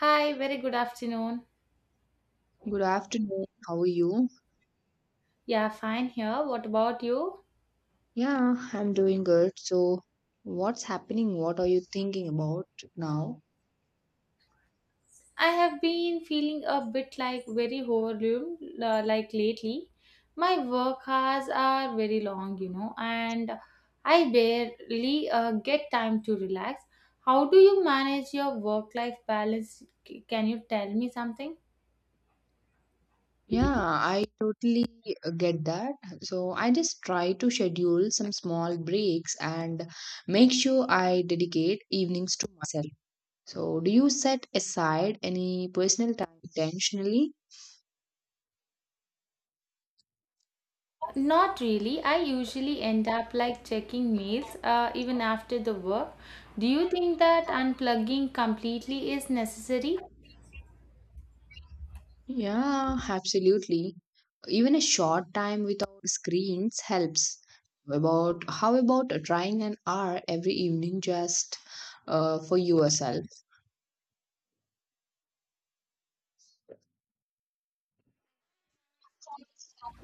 Hi, very good afternoon. Good afternoon. How are you? Yeah, fine here. What about you? Yeah, I'm doing good. So, what's happening? What are you thinking about now? I have been feeling a bit like very overwhelmed like lately. My work hours are very long, you know, and I barely get time to relax. How do you manage your work-life balance? Can you tell me something? Yeah, I totally get that. So, I just try to schedule some small breaks and make sure I dedicate evenings to myself. So, do you set aside any personal time intentionally? Not really. I usually end up like checking mails even after the work. Do you think that unplugging completely is necessary? Yeah, absolutely. Even a short time without screens helps. About how about trying an hour every evening just for yourself?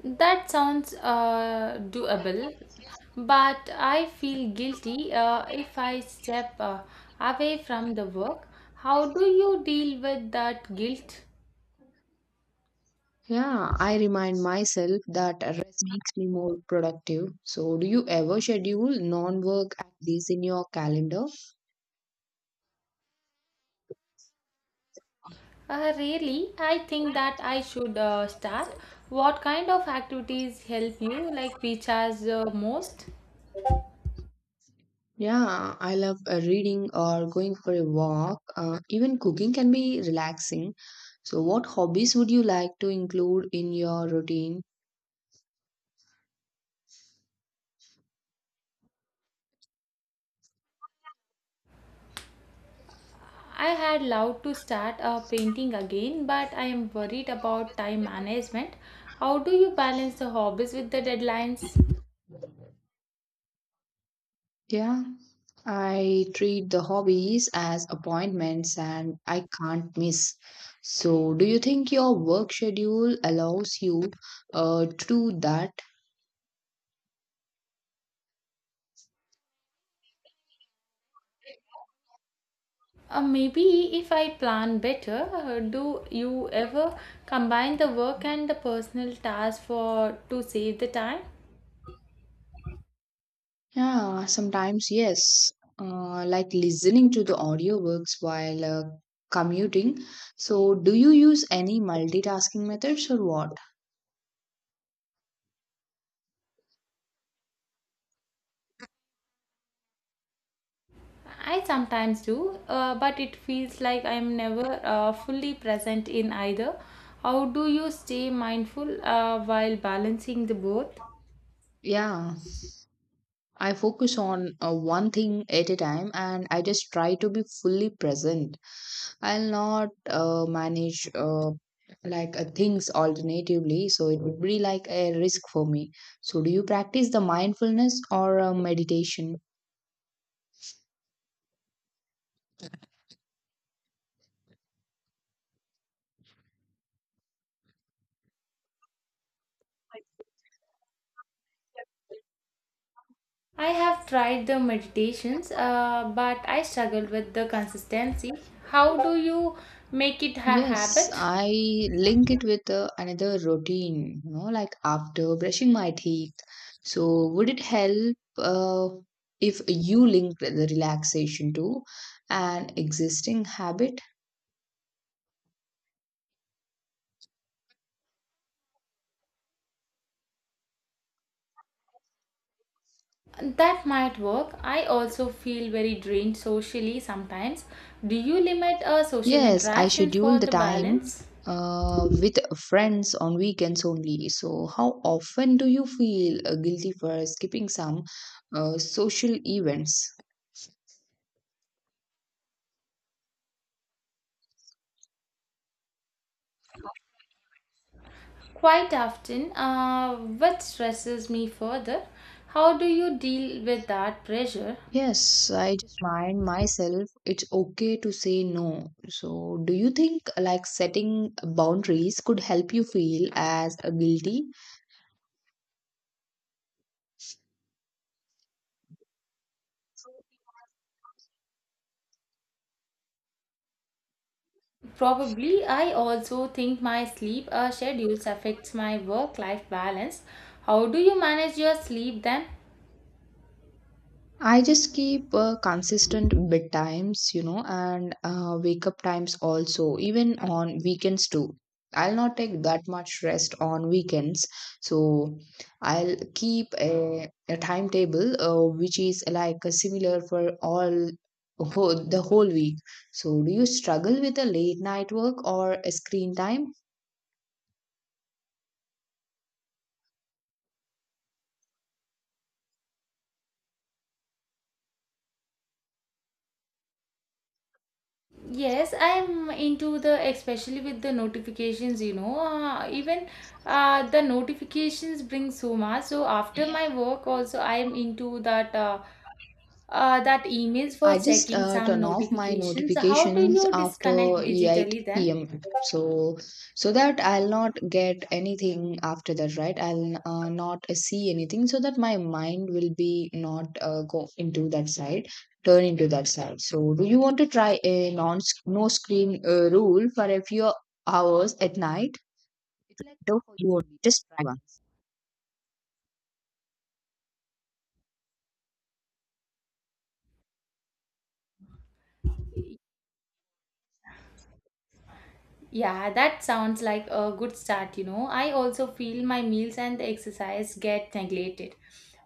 That sounds doable, but I feel guilty if I step away from the work. How do you deal with that guilt? Yeah, I remind myself that rest makes me more productive. So, do you ever schedule non-work activities in your calendar? Really, I think that I should start. What kind of activities help you, like recharge most? Yeah, I love reading or going for a walk. Even cooking can be relaxing. So, what hobbies would you like to include in your routine? I had loved to start painting again, but I am worried about time management. How do you balance the hobbies with the deadlines? Yeah. I treat the hobbies as appointments and I can't miss. So, do you think your work schedule allows you to do that? Maybe if I plan better, do you ever combine the work and the personal task for to save the time? Yeah, sometimes yes. Like listening to the audiobooks while commuting. So, do you use any multitasking methods or what? I sometimes do, but it feels like I'm never fully present in either. How do you stay mindful while balancing the both? Yeah, I focus on one thing at a time and I just try to be fully present. I'll not manage things alternatively, so it would be like a risk for me. So, do you practice the mindfulness or meditation? I have tried the meditations, but I struggled with the consistency. How do you make it a Yes, habit? I link it with another routine, you know, like after brushing my teeth. So, would it help if you link the relaxation to an existing habit? That might work. I also feel very drained socially sometimes. Do you limit social Yes, I interaction schedule for the the time balance? With friends on weekends only. So, how often do you feel guilty for skipping some social events? Quite often. What stresses me further? How do you deal with that pressure? Yes, I just remind myself it's okay to say no. So, do you think like setting boundaries could help you feel as guilty? Probably, I also think my sleep schedules affects my work life balance. How do you manage your sleep then? I just keep consistent bedtimes, you know, and wake up times also, even on weekends too. I'll not take that much rest on weekends. So I'll keep a timetable which is like similar for all the whole week. So do you struggle with a late night work or a screen time? Yes, I'm into the especially with the notifications, you know, even the notifications bring so much. So after my work also I'm into that that emails for I just checking some turn off my notifications. So, how do notifications you disconnect after digitally 8 then? p.m. So so that I'll not get anything after that, right? I'll not see anything, so that my mind will be not go into that side, turn into that side. So do you want to try a non no screen rule for a few hours at night? It will do for you only. Just try once. Yeah, that sounds like a good start, you know. I also feel my meals and the exercise get neglected.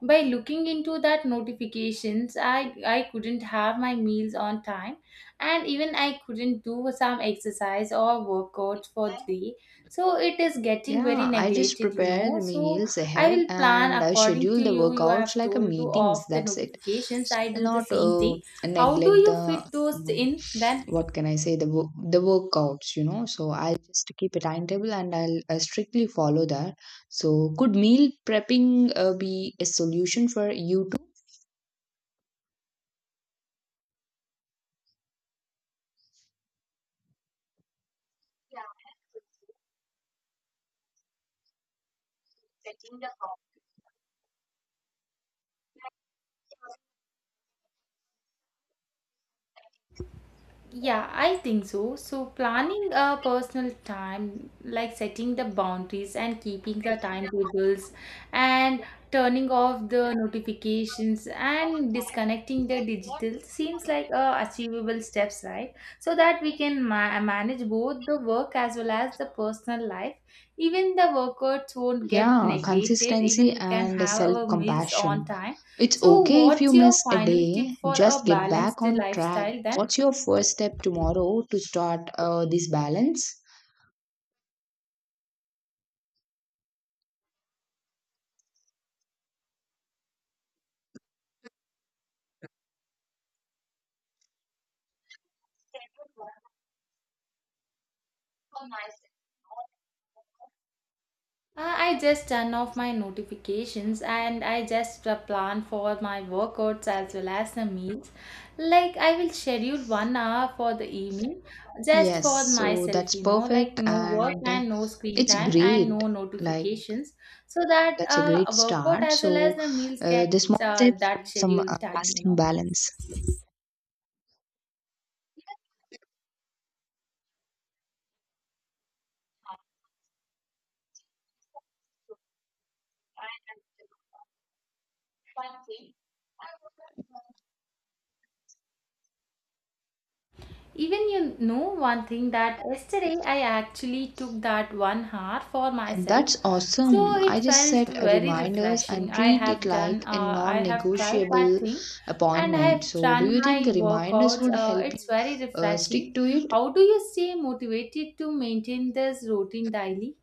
By looking into that notifications, I couldn't have my meals on time and even I couldn't do some exercise or workouts for the day. So it is getting very Yeah, I just neglected, you prepare know. the So meals I ahead will plan and I according schedule to the you. You workouts have like a told to meetings. off the That's it. notifications. So I I'll do the not same thing. How do neglect you the fit those in then? what can I say the the workouts. You know, so I'll just keep a timetable and I'll strictly follow that. So could meal prepping be a solution for you too? Yeah, I think so. So, planning a personal time, like setting the boundaries and keeping the timetables and turning off the notifications and disconnecting the digital seems like achievable steps, right? So that we can manage both the work as well as the personal life. Even the workouts won't get Yeah, neglected, consistency even we can and have self our meals on compassion. time. It's So, okay if you what's your miss a final tip day, for a just get back balanced on track. lifestyle then? What's your first step tomorrow to start this balance? I just turn off my notifications and I just plan for my workouts as well as the meals. Like, I will schedule 1 hour for the evening just Yes, for so myself, that's you know, like perfect no work and and no screen it's time and great. no Like, notifications so that that's a great workout start. as well as So, the meals get the small steps that lead some scheduled time, you lasting know. balance. Even you know one thing that yesterday I actually took that 1 hour for And myself. that's awesome. So I it just felt set a very reminders refreshing. and I treat it have done, like a I have tried that non-negotiable thing and I appointment. have So, do done you think my reminders workouts. would help It's you very refreshing. stick to it? How do you stay motivated to maintain this routine daily?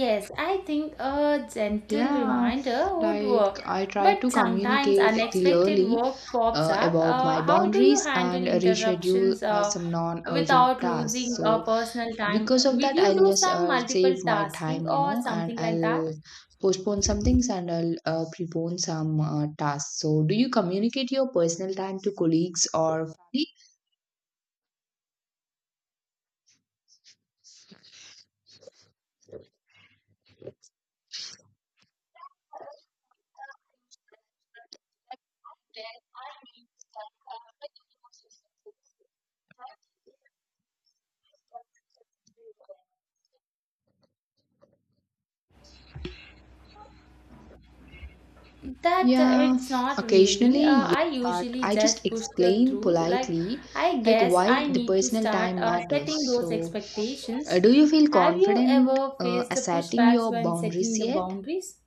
Yes, I think a gentle Yeah, reminder would like work. I try But to sometimes communicate unexpected clearly work pops up. about my How do you boundaries handle and reschedule interruptions some non urgent without tasks. losing So, personal time? because of Will that, you I'll do just some save multiple my tasking time, you or know, and something like that? I'll postpone some things and I'll prepone some tasks. So, do you communicate your personal time to colleagues or family? Yeah, It's not really. occasionally, I yeah, but usually I just just push the explain truth. Like, politely I like guess why I the need to personal start time matters. setting those So, expectations. Do you feel Have you confident ever faced the asserting pushbacks your when boundaries setting the yet? boundaries?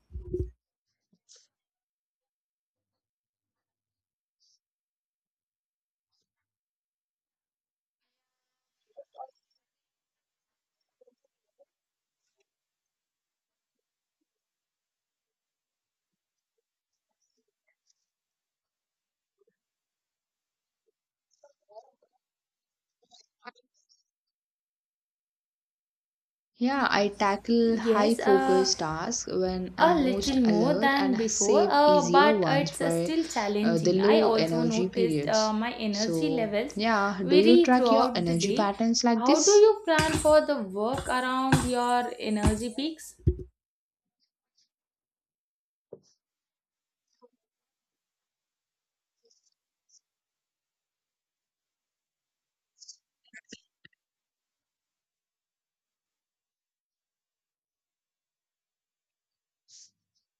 Yeah, I tackle high Yes, focus tasks when a I'm most little more alert and than before, save easier but ones it's for still the challenging. I low also energy noticed periods. My energy So, levels yeah, do you vary track your throughout the energy day. patterns like How do this? you plan for the work around your energy peaks?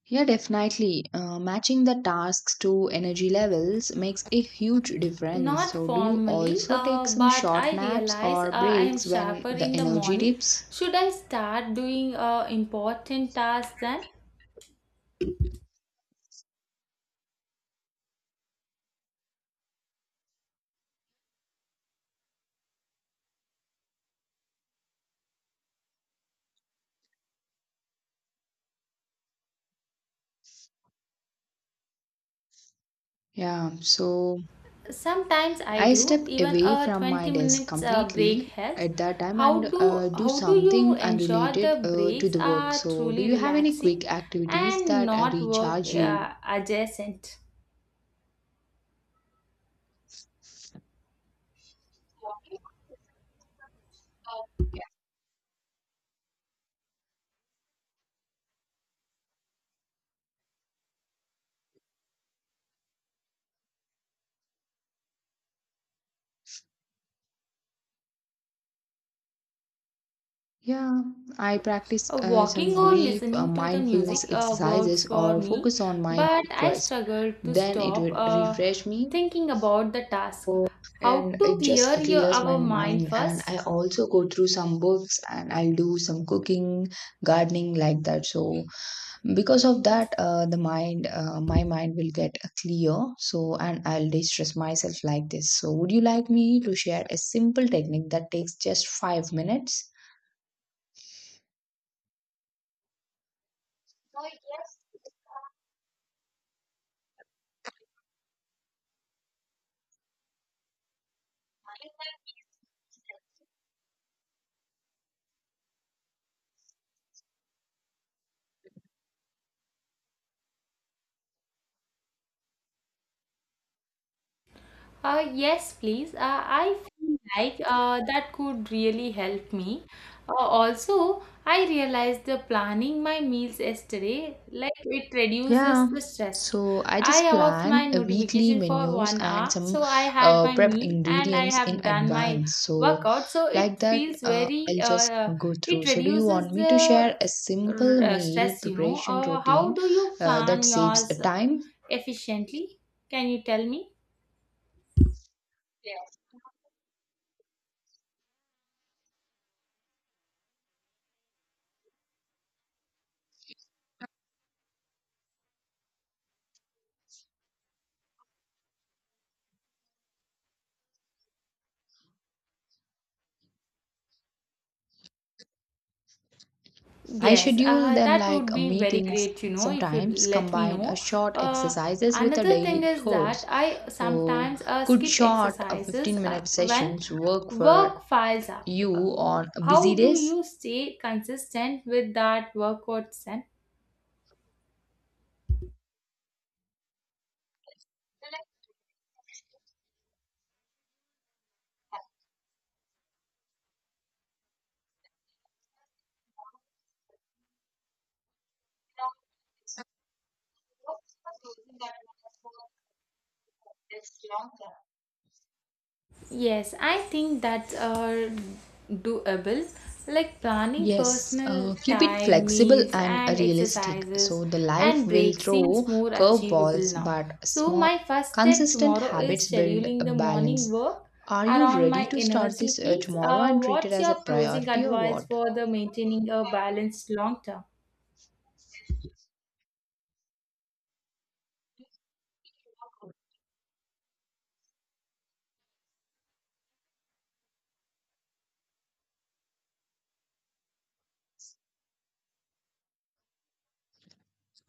Yeah, definitely. Matching the tasks to energy levels makes a huge difference. Not So, do you formally, also take some but short I naps realize or I am breaks when sharper the in the energy morning. dips? Should I start doing important tasks then? Yeah, so Sometimes I I do. step Even away a from my 20 desk minutes completely break helps. at that time and do How do you something ensure the unrelated to breaks the work. are So, do truly you have any relaxing quick activities and that not work recharge you? Adjacent? Yeah, I practice some Walking or brief listening to the music mindfulness works exercises for or me, focus on my but breath I first. struggle to Then it stop would refresh me thinking about the task. oh, How and to it just clear your clears my our mind mind. And I first? also go through some books and I'll do some cooking, gardening like that. So because of that, my mind will get clear. So and I'll distress myself like this. So would you like me to share a simple technique that takes just 5 minutes? Yes, please. I feel like that could really help me. Also, I realized the planning my meals yesterday, like it Yeah, reduces the stress. so I just I off my plan a weekly notification for menus one and hour, some so I had my prepped meal and I ingredients in have done my advance. So, workout. So like it that, feels very. I'll just go through. It So, do you want reduces me to the share a simple meal stress. You know. preparation How routine do you that plan saves yours time? efficiently? Can you tell me? I Yes, schedule them that like would be very meetings great, you and know, if you sometimes let me combine a know. short Uh, exercises with a Another thing daily is course. that I So, sometimes could skip short exercises 15 minute when sessions work for work files up. You on busy How do days? you stay consistent with that workout then? Choosing that one for this long term. Yes, I think that's doable. Like planning Yes, personal keep it time, flexible meals, and and realistic. exercises So the life and will breaks seems throw more achievable curveballs, now. but So, small, my first step consistent tomorrow is habits build a scheduling the morning balance. work Are you around ready my to start this energy peaks. tomorrow and treat it What's as your a closing priority or advice what? for the maintaining a balanced long term?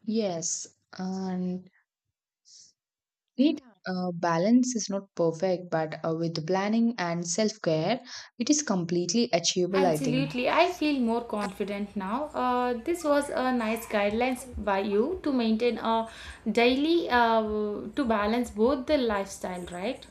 Yes, and need balance is not perfect, but with planning and self care, it is completely achievable, I think. Absolutely, I feel more confident now. This was a nice guidelines by you to maintain a daily to balance both the lifestyle, right?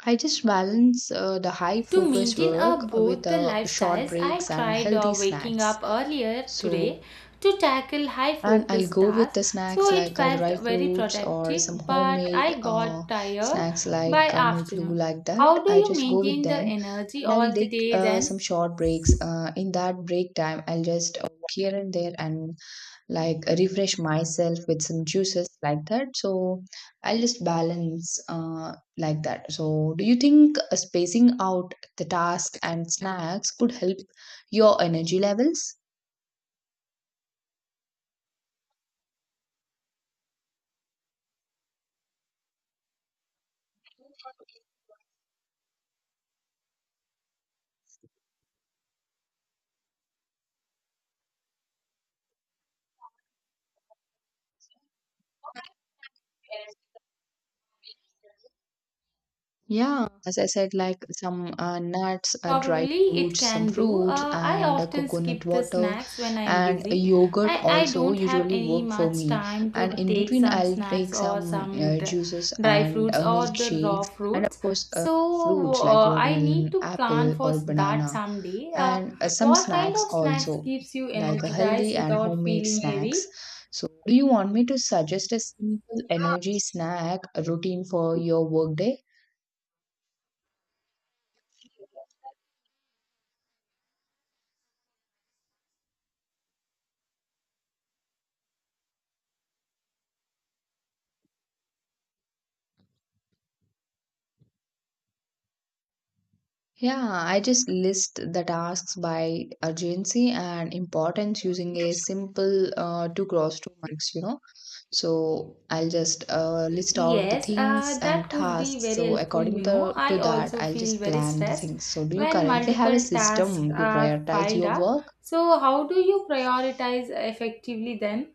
I just balance the high To focus maintain work with both the short lifestyles, I breaks and tried healthy waking snacks. up earlier today So, to tackle high and I'll focus go with tasks. the snacks So it like felt dry very fruits or some productive, but homemade I got tired snacks by like murklu, afternoon. like that. How do I you just go with maintain the them energy and I'll all the take day then? some short breaks. In that break time, I'll just walk here and there and refresh myself with some juices like that. So I'll just balance like that. So do you think spacing out the task and snacks could help your energy levels? Yeah, as I said, like some nuts, dry Probably it fruits, some can do. fruits, I and often coconut skip the water, snacks when I am and busy. yogurt I also don't have usually any work for much me. time And to in take between, some I'll snacks take or some juices dry and fruits or the raw milkshakes, and of fruits. course, So fruits like I need watermelon, to plan apple, for or that banana, someday. And some What kind snacks of snacks also, keeps you like a energized healthy and without homemade feeling snacks. heavy? So, do you want me to suggest a simple energy snack routine for your workday? Yeah, I just list the tasks by urgency and importance using a simple two cross two marks, you know. So I'll just list out the Yes, things that and could be tasks. very So helpful, you according know. to, to I that, also I'll feel just very plan the stressed things. So do you when currently have a multiple tasks system to are prioritize piled your up. work? So, how do you prioritize effectively then?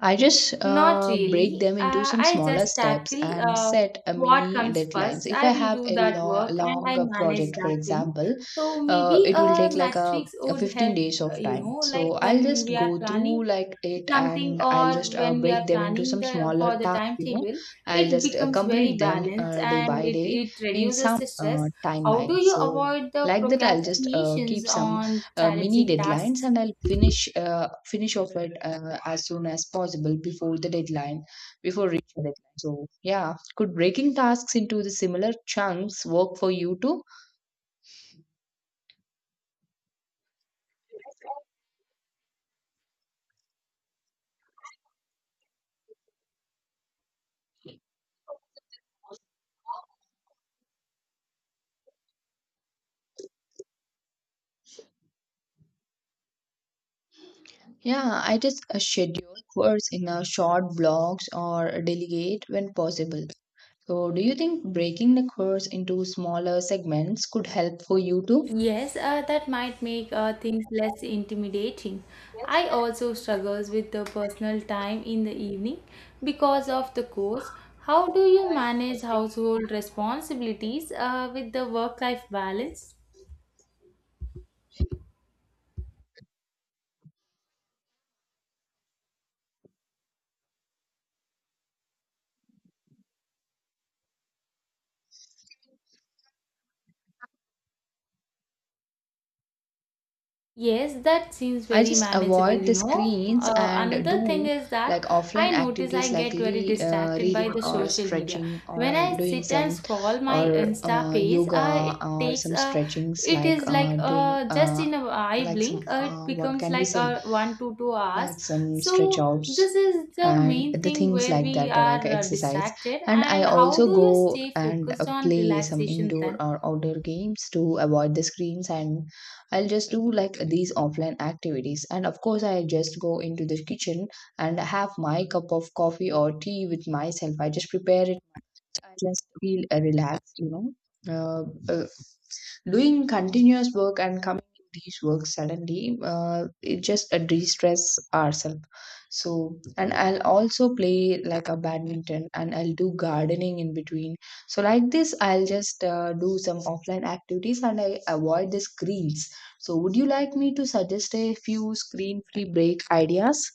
I just Not break really. them into some I smaller just steps tackle and set a what mini comes deadlines. first. If I I will have do a that work and long I manage project, for that thing. example, So maybe it will a take like a, matrix a would 15 help, days of you time. know, like So I'll when just we are go through planning like it something and I'll or just when we are break them into planning some the smaller for the tasks, you know. timetable, I'll it just becomes very complete them balanced day and by it, day it in reduces some the stress. How do timeline. you So avoid the like that, I'll just procrastinations keep some on mini challenging deadlines tasks? and I'll finish off it as soon as possible before reaching the deadline. So yeah, could breaking tasks into the similar chunks work for you too? Yeah, I just schedule works in a short blocks or delegate when possible. So do you think breaking the course into smaller segments could help for you too? Yes, that might make things less intimidating. I also struggles with the personal time in the evening because of the course. How do you manage household responsibilities with the work-life balance? Yes, that seems I very just manageable, avoid you the know. screens and Another thing do is that like offline I notice I activities like get very distracted by reading the or social media. stretching When or I doing sit and some scroll my or Insta page, yoga it or takes some a stretchings it like is like doing just in a eye like blink, some it what becomes can we like say, 1 to 2 hours. like some stretch So outs this is the and main the thing things where like we that, like are exercise. distracted. And I And how also do you go stay and focused on play some relaxation indoor then? or outdoor games to avoid the screens, and I'll just do like these offline activities. And of course I just go into the kitchen and have my cup of coffee or tea with myself. I just prepare it, I just feel relaxed, you know. uh, uh, Doing continuous work and coming to these works suddenly, it just de-stress ourselves. So and I'll also play like a badminton and I'll do gardening in between. So like this, I'll just do some offline activities and I avoid the screens. So would you like me to suggest a few screen free break ideas?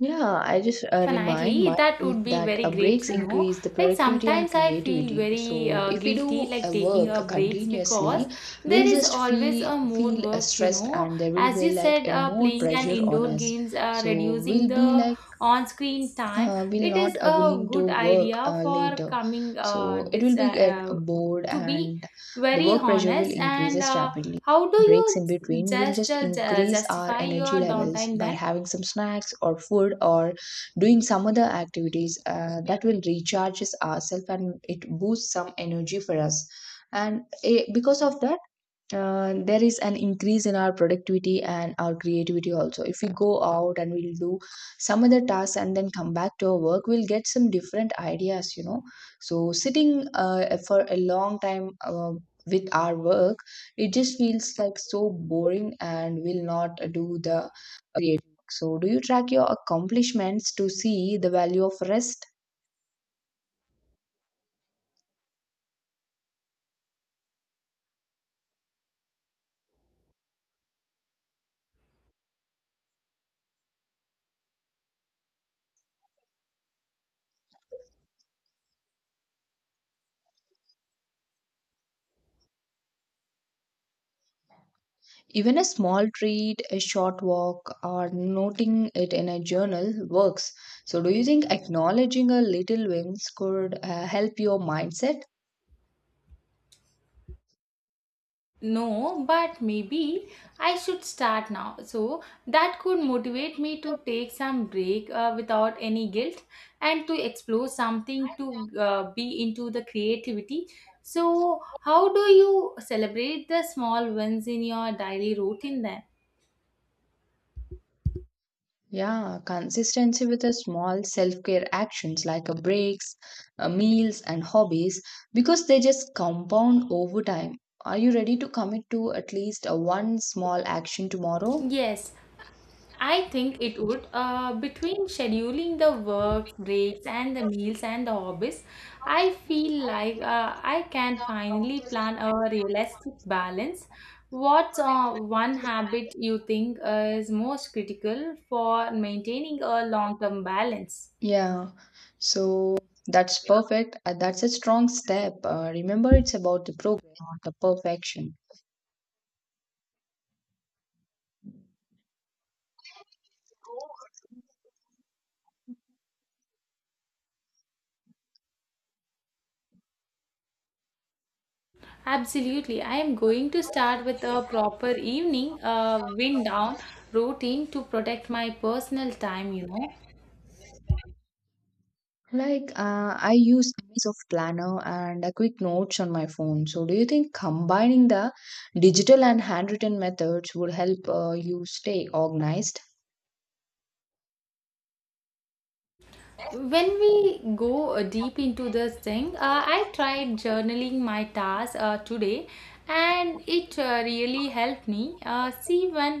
Yeah, I just remind Definitely, that myself would be that very breaks great, you know. increase the Like productivity and sometimes I feel creativity. very So if we guilty do like a taking work a breaks because continuously, there we'll is just always a more feel work, you stressed, know. and there will As be you like said, a more playing an pressure on indoor us. games, So reducing we'll be the like on-screen time, will it not is a willing to good work idea for later, coming so it will be get uh, bored to be and the very work pressure will honest. And increases rapidly. how do Breaks you in between will just just increase our justify energy your levels downtime by then? having some snacks or food or doing some other activities that will recharges ourselves and it boosts some energy for us. And because of that, there is an increase in our productivity and our creativity also. If we go out and we'll do some other tasks and then come back to our work, we'll get some different ideas, you know. So sitting for a long time with our work, it just feels like so boring and will not do the creative work. So do you track your accomplishments to see the value of rest? Even a small treat, a short walk, or noting it in a journal works. So, do you think acknowledging a little wins could help your mindset? No, but maybe I should start now. So that could motivate me to take some break without any guilt and to explore something to be into the creativity. So, how do you celebrate the small wins in your daily routine then? Yeah, consistency with a small self-care actions like a breaks, meals, and hobbies, because they just compound over time. Are you ready to commit to at least a one small action tomorrow? Yes, I think it would. Between scheduling the work breaks and the meals and the hobbies, I feel like I can finally plan a realistic balance. What's one habit you think is most critical for maintaining a long term balance? Yeah, so that's perfect. That's a strong step. Remember, it's about the progress, not the perfection. Absolutely. I am going to start with a proper evening wind down routine to protect my personal time, you know. Like, I use image of planner and a quick notes on my phone. So, do you think combining the digital and handwritten methods would help you stay organized? When we go deep into this thing, I tried journaling my tasks today and it really helped me see when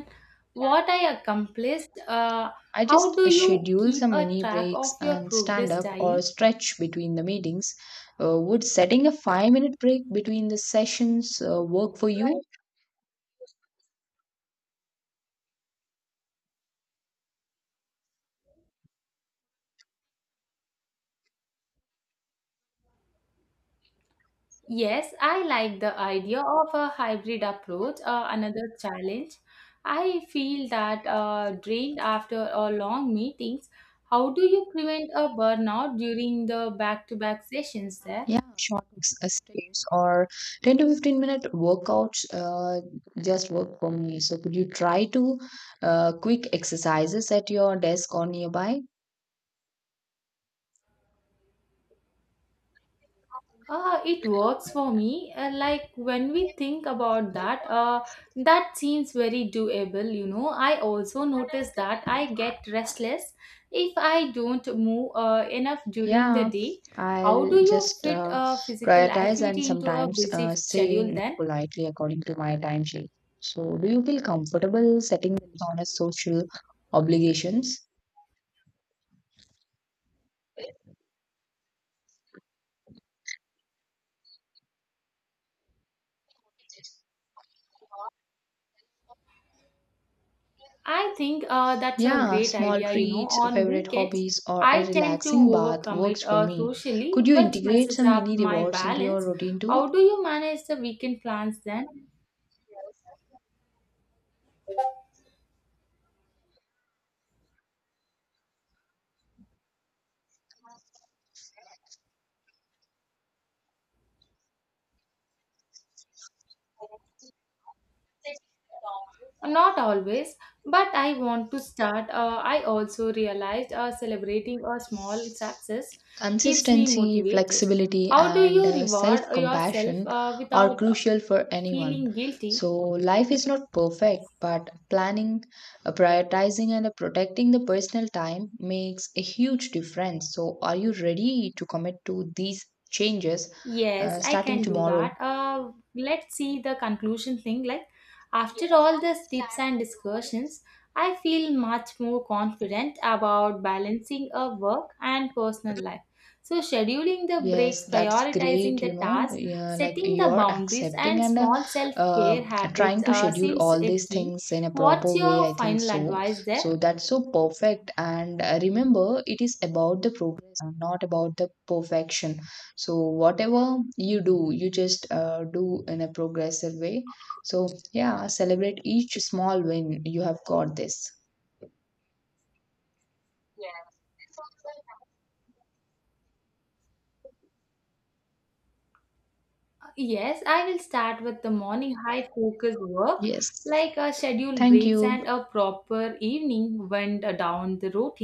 what I accomplished I how just do you schedule keep some a mini track breaks of your and stand progress up daily? or stretch between the meetings. Would setting a 5 minute break between the sessions work for you? Yes, I like the idea of a hybrid approach. Another challenge, I feel that drained after a long meetings. How do you prevent a burnout during the back to back sessions there? Yeah, stays or 10 to 15 minute workouts just work for me. So, could you try to quick exercises at your desk or nearby? It works for me. Like when we think about that, that seems very doable, you know. I also notice that I get restless if I don't move enough during the Yeah, day. How do I'll you just fit a physical prioritize and activity into a sometimes busy say schedule no then? politely according to my timesheet. So, do you feel comfortable setting limits on a social obligations? I think that's a Yeah, great small idea, you know. treats, On favorite weekends, hobbies, or a I tend to relaxing bath works overcommit for me. socially, Could you which integrate messes some up mini my rewards into your balance. routine too? How do you manage the weekend plans then? Not always, but I want to start. I also realized celebrating a small success keeps me Consistency, motivated. flexibility, How do and you self reward yourself compassion are without crucial for anyone. feeling guilty? So, life is not perfect, but planning, prioritizing, and protecting the personal time makes a huge difference. So, are you ready to commit to these changes Yes, I starting can do tomorrow? that. Let's see the conclusion thing. Like, after all these tips and discussions, I feel much more confident about balancing a work and personal life. So, scheduling the Yes, breaks, that's great. prioritizing You the know, tasks, yeah, like setting the you're boundaries, accepting and and small self uh, care trying habits to schedule seems all a these key. things in a proper What's way. your I think final so. advice there? So that's so perfect. And remember, it is about the progress, and not about the perfection. So whatever you do, you just do in a progressive way. So yeah, celebrate each small win. You have got this. Yes, I will start with the morning high focus work, Yes. like a scheduled Thank breaks you. and a proper evening went down the routine.